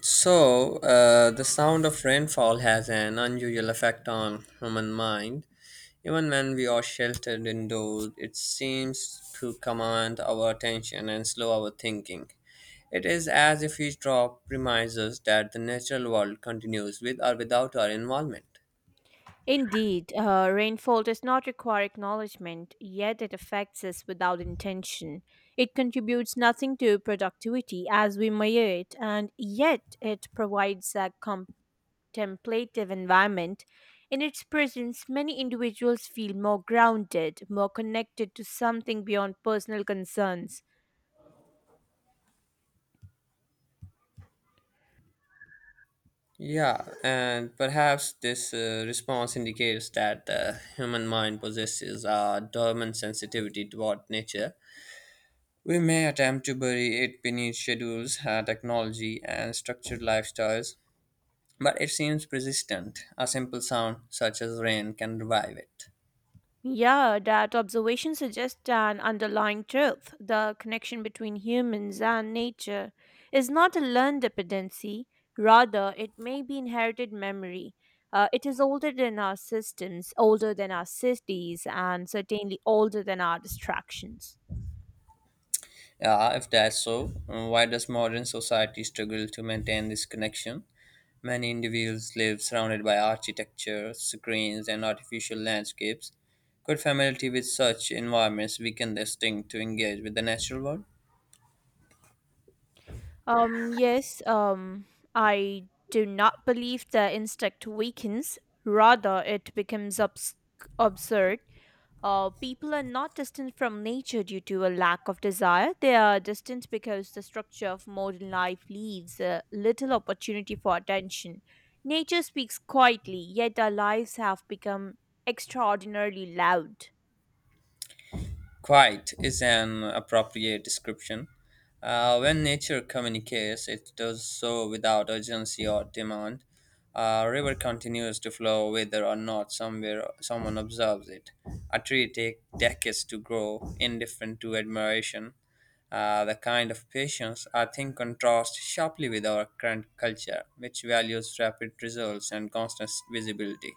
The sound of rainfall has an unusual effect on human mind. Even when we are sheltered indoors, it seems to command our attention and slow our thinking. It is as if each drop reminds us that the natural world continues with or without our involvement. Indeed, rainfall does not require acknowledgement, yet it affects us without intention. It contributes nothing to productivity as we measure it, and yet it provides a contemplative environment. In its presence, many individuals feel more grounded, more connected to something beyond personal concerns. Yeah, and perhaps this response indicates that the human mind possesses a dormant sensitivity toward nature. We may attempt to bury it beneath schedules, technology, and structured lifestyles, but it seems persistent. A simple sound, such as rain, can revive it. Yeah, that observation suggests an underlying truth. The connection between humans and nature is not a learned dependency, rather, it may be inherited memory. It is older than our systems, older than our cities, and certainly older than our distractions. Yeah, if that's so, why does modern society struggle to maintain this connection? Many individuals live surrounded by architecture, screens, and artificial landscapes. Could familiarity with such environments weaken their instinct to engage with the natural world? Yes, I do not believe the instinct weakens, rather, it becomes absurd. People are not distant from nature due to a lack of desire. They are distant because the structure of modern life leaves little opportunity for attention. Nature speaks quietly, yet our lives have become extraordinarily loud. Quiet is an appropriate description. When nature communicates, it does so without urgency or demand. A river continues to flow whether or not somewhere someone observes it. A tree takes decades to grow, indifferent to admiration. The kind of patience I think contrasts sharply with our current culture, which values rapid results and constant visibility.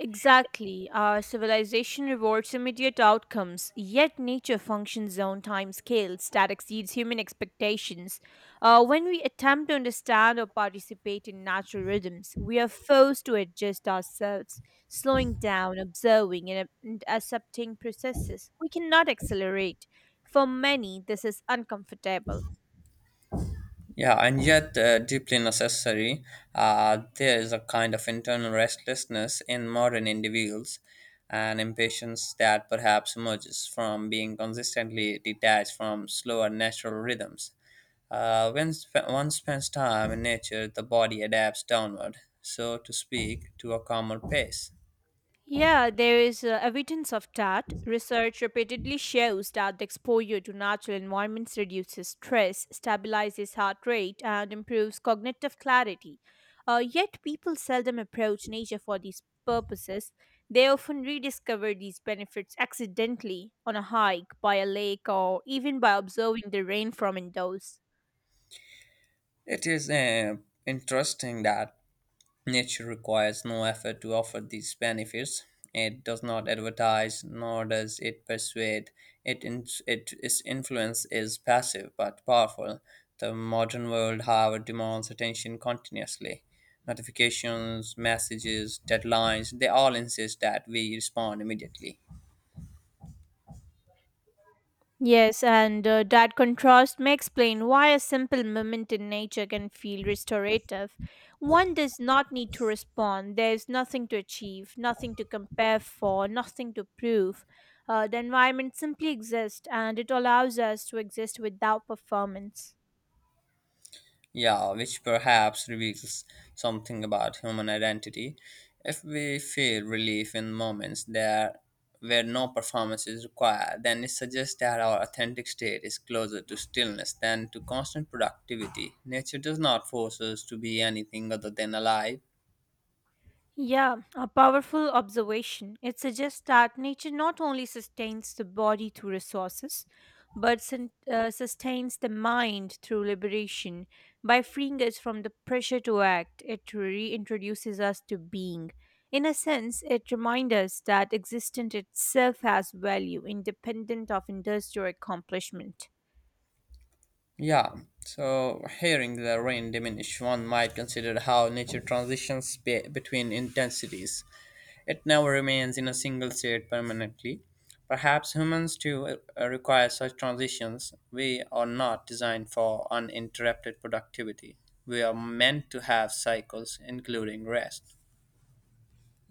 Exactly. Our civilization rewards immediate outcomes, yet nature functions on time scales that exceeds human expectations. When we attempt to understand or participate in natural rhythms, we are forced to adjust ourselves, slowing down, observing, and accepting processes we cannot accelerate. For many, this is uncomfortable. Yeah, and yet deeply necessary. There is a kind of internal restlessness in modern individuals, an impatience that perhaps emerges from being consistently detached from slower natural rhythms. When one spends time in nature, the body adapts downward, so to speak, to a calmer pace. Yeah, there is evidence of that. Research repeatedly shows that the exposure to natural environments reduces stress, stabilizes heart rate, and improves cognitive clarity. Yet, people seldom approach nature for these purposes. They often rediscover these benefits accidentally on a hike, by a lake, or even by observing the rain from indoors. It is interesting that nature requires no effort to offer these benefits. It does not advertise, nor does it persuade. It its influence is passive but powerful. The modern world, however, demands attention continuously. Notifications, messages, deadlines, they all insist that we respond immediately. Yes, and that contrast may explain why a simple moment in nature can feel restorative. One does not need to respond, there's nothing to achieve, nothing to compare for, nothing to prove. The environment simply exists, and it allows us to exist without performance. Yeah, which perhaps reveals something about human identity. If we feel relief in moments there where no performance is required, then it suggests that our authentic state is closer to stillness than to constant productivity. Nature does not force us to be anything other than alive. Yeah, a powerful observation. It suggests that nature not only sustains the body through resources, but sustains the mind through liberation. By freeing us from the pressure to act, it reintroduces us to being. In a sense, it reminds us that existence itself has value, independent of industrial accomplishment. Yeah, so hearing the rain diminish, one might consider how nature transitions between intensities. It never remains in a single state permanently. Perhaps humans too require such transitions. We are not designed for uninterrupted productivity. We are meant to have cycles, including rest.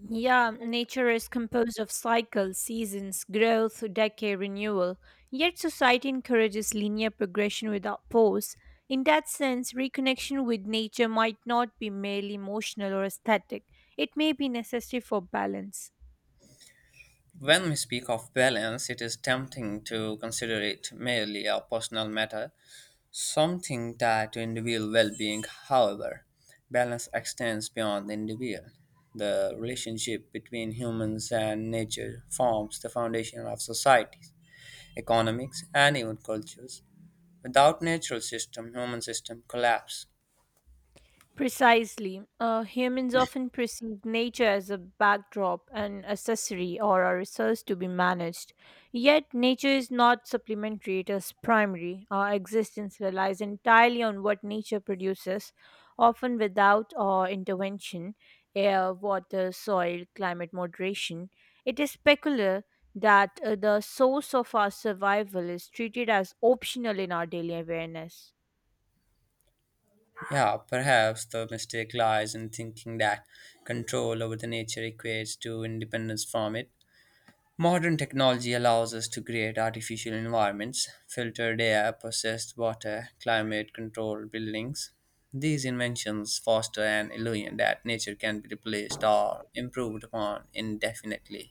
Yeah, nature is composed of cycles, seasons, growth, decay, renewal. Yet society encourages linear progression without pause. In that sense, reconnection with nature might not be merely emotional or aesthetic. It may be necessary for balance. When we speak of balance, it is tempting to consider it merely a personal matter. Something tied to individual well-being; however, balance extends beyond the individual. The relationship between humans and nature forms the foundation of societies, economics, and even cultures. Without natural system, human system collapse. Precisely. Humans often perceive nature as a backdrop, an accessory, or a resource to be managed. Yet, nature is not supplementary, it is primary. Our existence relies entirely on what nature produces, often without our intervention: air, water, soil, climate moderation. It is peculiar that the source of our survival is treated as optional in our daily awareness. Yeah, perhaps the mistake lies in thinking that control over the nature equates to independence from it. Modern technology allows us to create artificial environments, filtered air, processed water, climate controlled buildings. These inventions foster an illusion that nature can be replaced or improved upon indefinitely.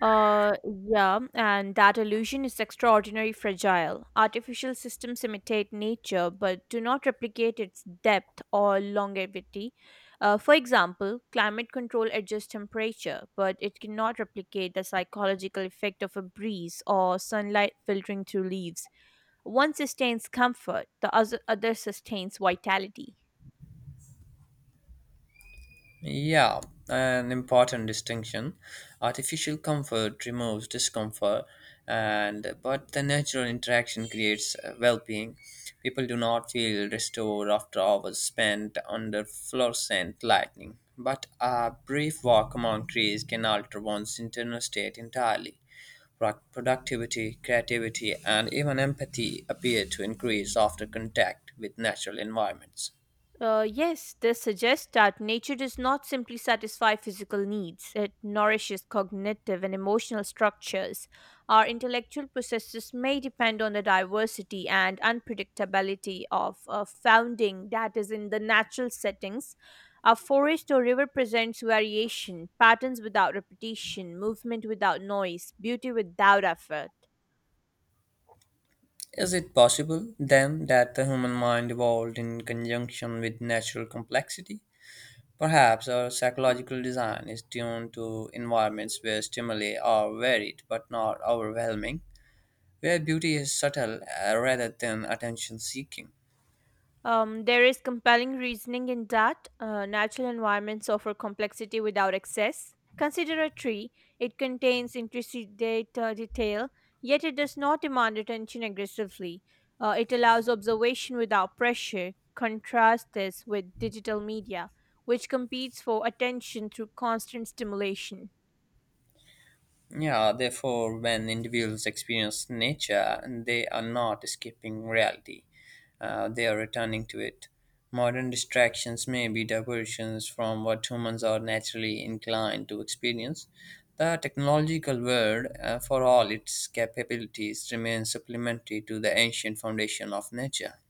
Uh, yeah, and that illusion is extraordinarily fragile. Artificial systems imitate nature but do not replicate its depth or longevity. For example, climate control adjusts temperature, but it cannot replicate the psychological effect of a breeze or sunlight filtering through leaves. One sustains comfort, the other sustains vitality. Yeah, an important distinction. Artificial comfort removes discomfort, and but the natural interaction creates well-being. People do not feel restored after hours spent under fluorescent lighting, but a brief walk among trees can alter one's internal state entirely. Productivity, creativity, and even empathy appear to increase after contact with natural environments. Yes, this suggests that nature does not simply satisfy physical needs, it nourishes cognitive and emotional structures. Our intellectual processes may depend on the diversity and unpredictability of founding that is in the natural settings. A forest or river presents variation, patterns without repetition, movement without noise, beauty without effort. Is it possible, then, that the human mind evolved in conjunction with natural complexity? Perhaps our psychological design is tuned to environments where stimuli are varied but not overwhelming, where beauty is subtle rather than attention seeking. There is compelling reasoning in that natural environments offer complexity without excess. Consider a tree, it contains intricate data, detail, yet it does not demand attention aggressively. It allows observation without pressure. Contrast this with digital media, which competes for attention through constant stimulation. Yeah, therefore, when individuals experience nature, they are not escaping reality, they are returning to it. Modern distractions may be diversions from what humans are naturally inclined to experience. The technological world, for all its capabilities, remains supplementary to the ancient foundation of nature.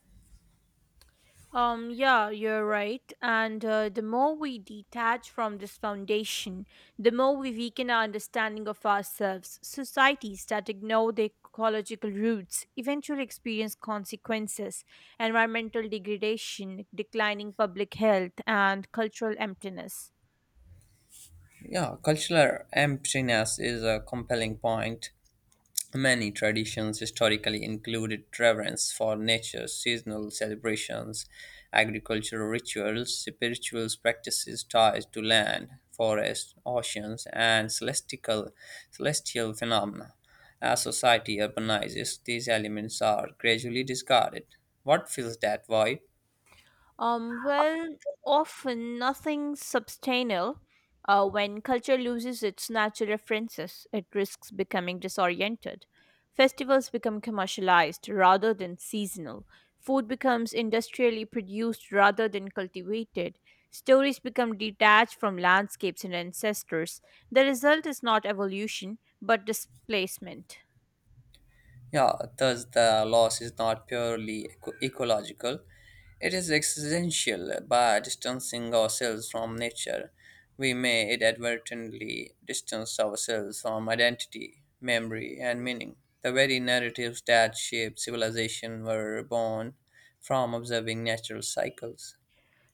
Yeah, you're right. And the more we detach from this foundation, the more we weaken our understanding of ourselves. Societies that ignore their ecological roots eventually experience consequences: environmental degradation, declining public health, and cultural emptiness. Yeah, cultural emptiness is a compelling point. Many traditions historically included reverence for nature, seasonal celebrations, agricultural rituals, spiritual practices tied to land, forests, oceans, and celestial phenomena. As society urbanizes, these elements are gradually discarded. What fills that void? Well, often nothing substantial. When culture loses its natural references, it risks becoming disoriented. Festivals become commercialized rather than seasonal. Food becomes industrially produced rather than cultivated. Stories become detached from landscapes and ancestors. The result is not evolution, but displacement. Yeah, thus the loss is not purely ecological. It is existential. By distancing ourselves from nature, we may inadvertently distance ourselves from identity, memory, and meaning. The very narratives that shaped civilization were born from observing natural cycles.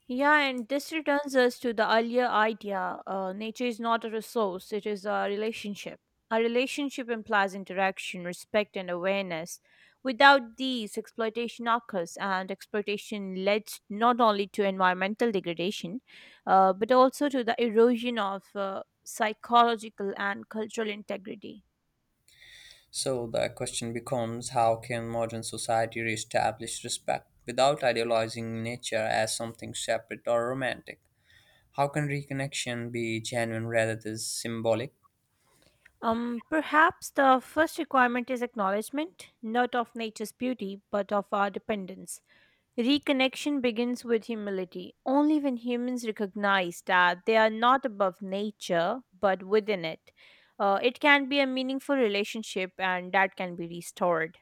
Yeah, and this returns us to the earlier idea: nature is not a resource, it is a relationship. A relationship implies interaction, respect, and awareness. Without these, exploitation occurs, and exploitation leads not only to environmental degradation, but also to the erosion of psychological and cultural integrity. So the question becomes, how can modern society reestablish respect without idealizing nature as something separate or romantic? How can reconnection be genuine rather than symbolic? Perhaps the first requirement is acknowledgement, not of nature's beauty, but of our dependence. Reconnection begins with humility. Only when humans recognize that they are not above nature but within it, it can be a meaningful relationship and that can be restored.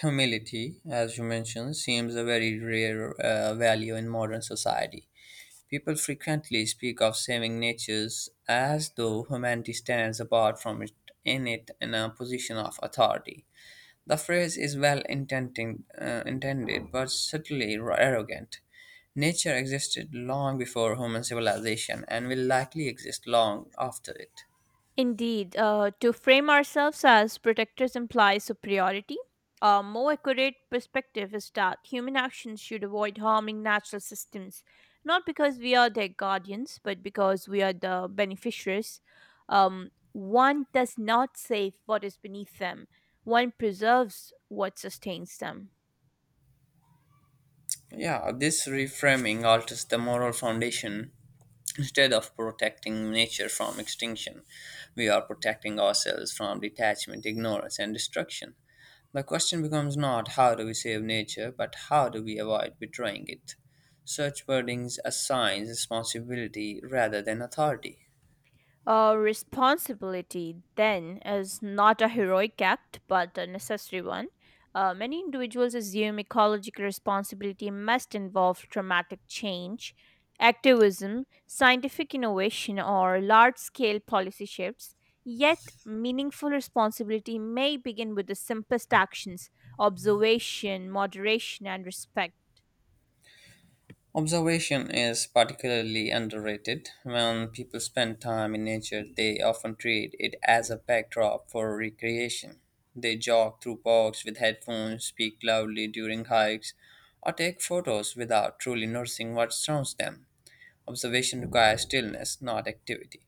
Humility, as you mentioned, seems a very rare value in modern society. People frequently speak of saving natures as though humanity stands apart from it in a position of authority. The phrase is well intending, intended but subtly arrogant. Nature existed long before human civilization and will likely exist long after it. Indeed, to frame ourselves as protectors implies superiority. A more accurate perspective is that human actions should avoid harming natural systems, not because we are their guardians, but because we are the beneficiaries. One does not save what is beneath them, one preserves what sustains them. Yeah, this reframing alters the moral foundation. Instead of protecting nature from extinction, we are protecting ourselves from detachment, ignorance, and destruction. The question becomes not how do we save nature, but how do we avoid betraying it. Such wordings assigns responsibility rather than authority. Responsibility, then, is not a heroic act but a necessary one. Many individuals assume ecological responsibility must involve dramatic change, activism, scientific innovation, or large scale policy shifts. Yet, meaningful responsibility may begin with the simplest actions: observation, moderation, and respect. Observation is particularly underrated. When people spend time in nature, they often treat it as a backdrop for recreation. They jog through parks with headphones, speak loudly during hikes, or take photos without truly noticing what surrounds them. Observation requires stillness, not activity.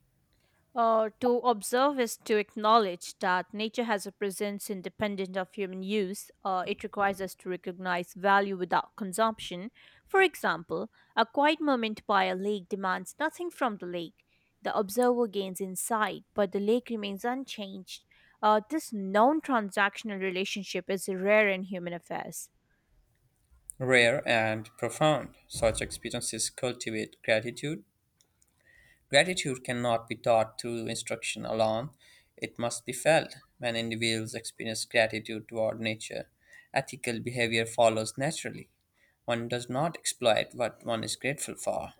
To observe is to acknowledge that nature has a presence independent of human use. It requires us to recognize value without consumption. For example, a quiet moment by a lake demands nothing from the lake. The observer gains insight, but the lake remains unchanged. This non transactional relationship is rare in human affairs. Rare and profound, such experiences cultivate gratitude. Gratitude cannot be taught through instruction alone. It must be felt. When individuals experience gratitude toward nature, ethical behavior follows naturally. One does not exploit what one is grateful for.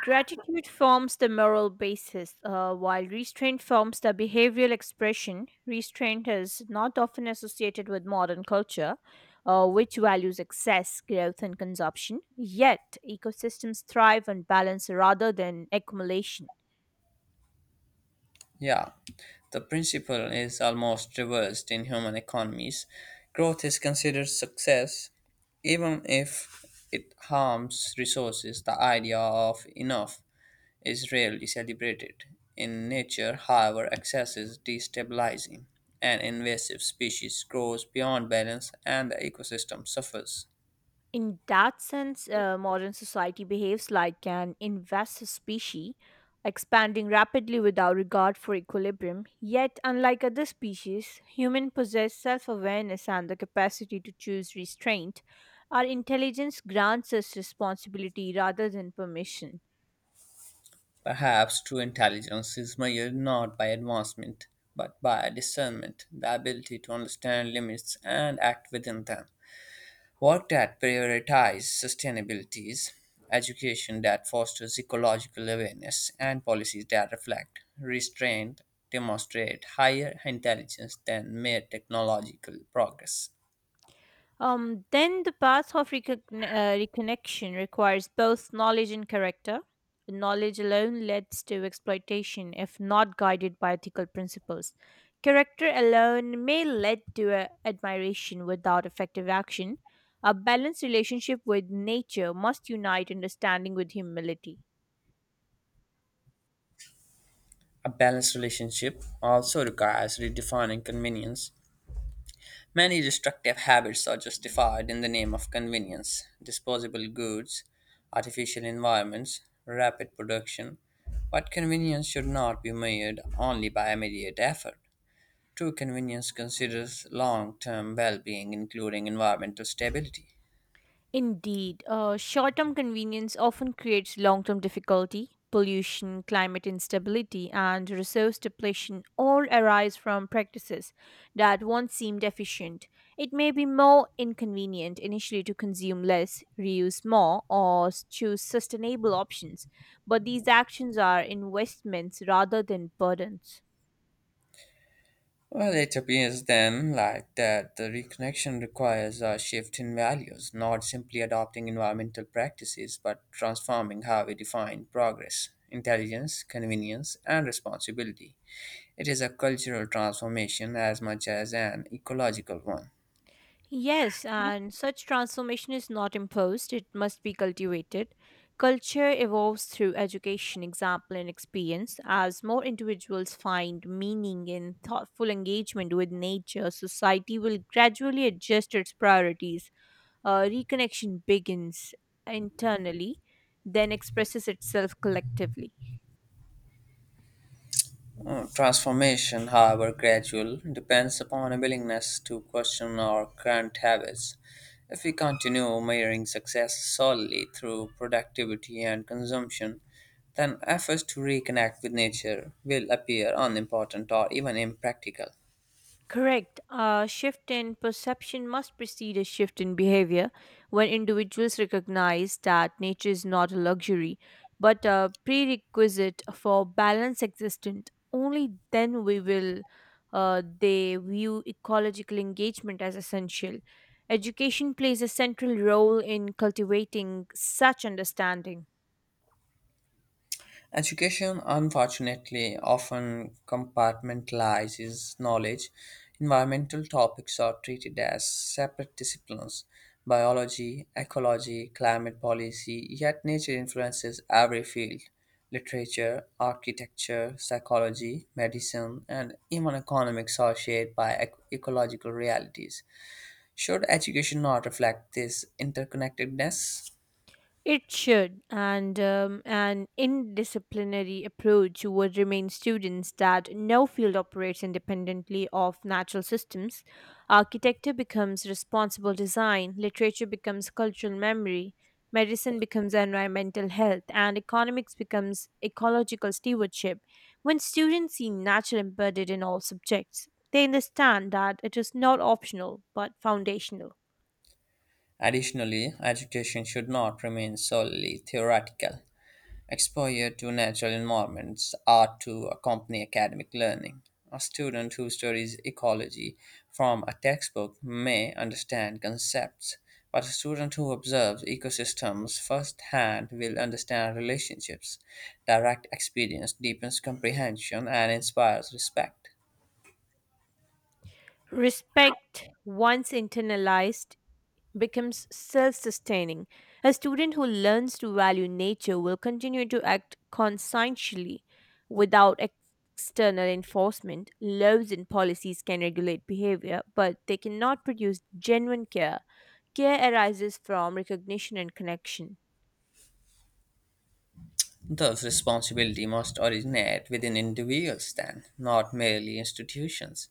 Gratitude forms the moral basis, while restraint forms the behavioral expression. Restraint is not often associated with modern culture, which values excess, growth, and consumption. Yet, ecosystems thrive on balance rather than accumulation. Yeah, the principle is almost reversed in human economies. Growth is considered success even if it harms resources. The idea of enough is rarely celebrated. In nature, however, excess is destabilizing. An invasive species grows beyond balance and the ecosystem suffers. In that sense, modern society behaves like an invasive species, expanding rapidly without regard for equilibrium. Yet, unlike other species, humans possess self awareness and the capacity to choose restraint. Our intelligence grants us responsibility rather than permission. Perhaps true intelligence is measured not by advancement, but by discernment, the ability to understand limits and act within them. Work that prioritizes sustainability, education that fosters ecological awareness, and policies that reflect, restraint, demonstrate higher intelligence than mere technological progress. Then the path of reconnection requires both knowledge and character. Knowledge alone leads to exploitation if not guided by ethical principles. Character alone may lead to admiration without effective action. A balanced relationship with nature must unite understanding with humility. A balanced relationship also requires redefining convenience. Many destructive habits are justified in the name of convenience. Disposable goods, artificial environments, rapid production. But convenience should not be measured only by immediate effort. True convenience considers long term well being, including environmental stability. Indeed, short term convenience often creates long term difficulty. Pollution, climate instability, and resource depletion all arise from practices that once seemed efficient. It may be more inconvenient initially to consume less, reuse more, or choose sustainable options, but these actions are investments rather than burdens. Well, it appears then like that the reconnection requires a shift in values, not simply adopting environmental practices, but transforming how we define progress, intelligence, convenience, and responsibility. It is a cultural transformation as much as an ecological one. Yes, and such transformation is not imposed, it must be cultivated. Culture evolves through education, example, and experience as more individuals find meaning in thoughtful engagement with nature. Society will gradually adjust its priorities. Reconnection begins internally, then expresses itself collectively. Transformation, however gradual, depends upon a willingness to question our current habits. If we continue measuring success solely through productivity and consumption, then efforts to reconnect with nature will appear unimportant or even impractical. Correct. A shift in perception must precede a shift in behavior when individuals recognize that nature is not a luxury but a prerequisite for balance existent. Only then we will they view ecological engagement as essential. Education plays a central role in cultivating such understanding. Education, unfortunately, often compartmentalizes knowledge. Environmental topics are treated as separate disciplines: biology, ecology, climate policy, yet nature influences every field: literature, architecture, psychology, medicine, and even economics are shaped by ecological realities. Should education not reflect this interconnectedness? It should, and an indisciplinary approach would remain students that no field operates independently of natural systems. Architecture becomes responsible design, literature becomes cultural memory, medicine becomes environmental health, and economics becomes ecological stewardship. When students see nature embedded in all subjects, they understand that it is not optional but foundational. Additionally, education should not remain solely theoretical. Exposure to natural environments ought to accompany academic learning. A student who studies ecology from a textbook may understand concepts, but a student who observes ecosystems firsthand will understand relationships. Direct experience deepens comprehension and inspires respect. Respect, once internalized, becomes self sustaining. A student who learns to value nature will continue to act conscientiously without external enforcement. Laws and policies can regulate behavior, but they cannot produce genuine care. Care arises from recognition and connection. Thus, responsibility must originate within individuals, then, not merely institutions.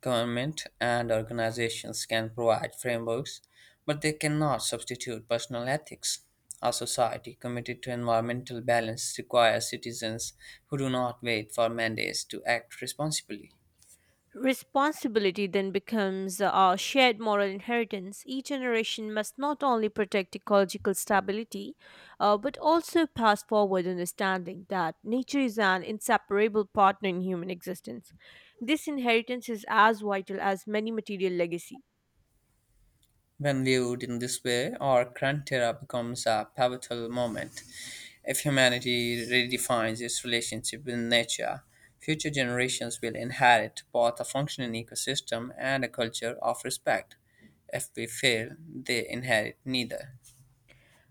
Government and organizations can provide frameworks, but they cannot substitute personal ethics. A society committed to environmental balance requires citizens who do not wait for mandates to act responsibly. Responsibility then becomes a shared moral inheritance. Each generation must not only protect ecological stability, but also pass forward understanding that nature is an inseparable partner in human existence. This inheritance is as vital as many material legacies. When viewed in this way, our current era becomes a pivotal moment. If humanity redefines its relationship with nature, future generations will inherit both a functioning ecosystem and a culture of respect. If we fail, they inherit neither.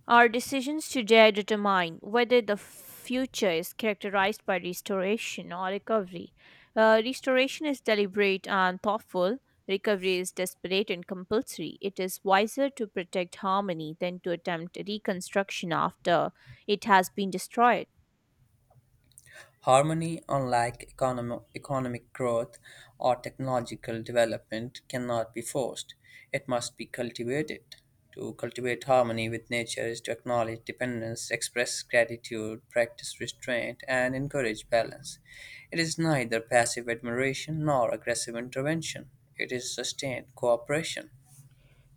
Our decisions today determine whether the future is characterized by restoration or recovery. Restoration is deliberate and thoughtful. Recovery is desperate and compulsory. It is wiser to protect harmony than to attempt reconstruction after it has been destroyed. Harmony, unlike economic growth or technological development, cannot be forced. It must be cultivated. To cultivate harmony with nature is to acknowledge dependence, express gratitude, practice restraint, and encourage balance. It is neither passive admiration nor aggressive intervention. It is sustained cooperation.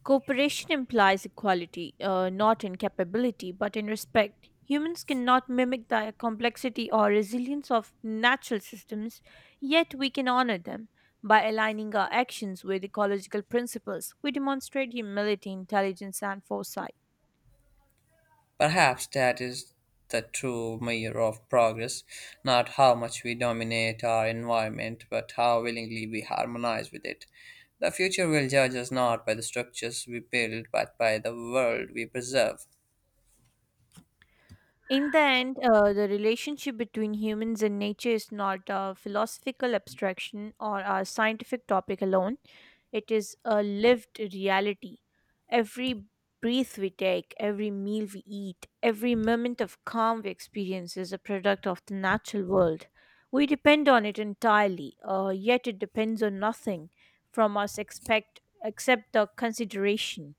Cooperation implies equality, not in capability, but in respect. Humans cannot mimic the complexity or resilience of natural systems, yet we can honor them. By aligning our actions with ecological principles, we demonstrate humility, intelligence, and foresight. Perhaps that is the true measure of progress, not how much we dominate our environment, but how willingly we harmonize with it. The future will judge us not by the structures we build, but by the world we preserve. In the end, the relationship between humans and nature is not a philosophical abstraction or a scientific topic alone. It is a lived reality. Every breath we take, every meal we eat, every moment of calm we experience is a product of the natural world. We depend on it entirely, yet it depends on nothing from us expect, except the consideration.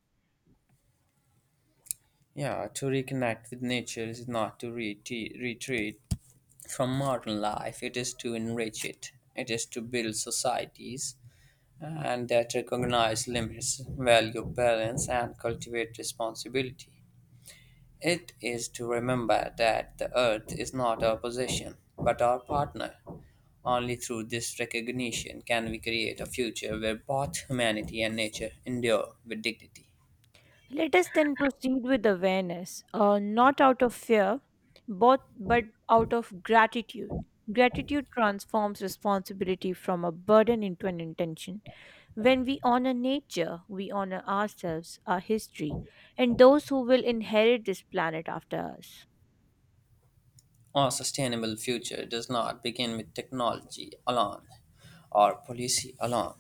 Yeah, to reconnect with nature is not to retreat from modern life, it is to enrich it. It is to build societies and that recognize limits, value balance, and cultivate responsibility. It is to remember that the Earth is not our possession, but our partner. Only through this recognition can we create a future where both humanity and nature endure with dignity. Let us then proceed with awareness, not out of fear, but out of gratitude. Gratitude transforms responsibility from a burden into an intention. When we honor nature, we honor ourselves, our history, and those who will inherit this planet after us. Our sustainable future does not begin with technology alone, or policy alone,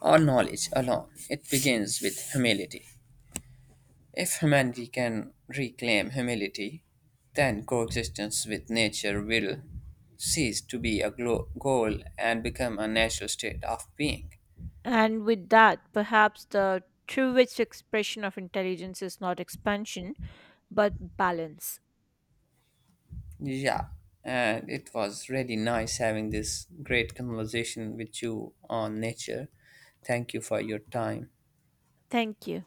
or knowledge alone. It begins with humility. If humanity can reclaim humility, then coexistence with nature will cease to be a goal and become a natural state of being. And with that, perhaps the truest expression of intelligence is not expansion, but balance. Yeah, and it was really nice having this great conversation with you on nature. Thank you for your time. Thank you.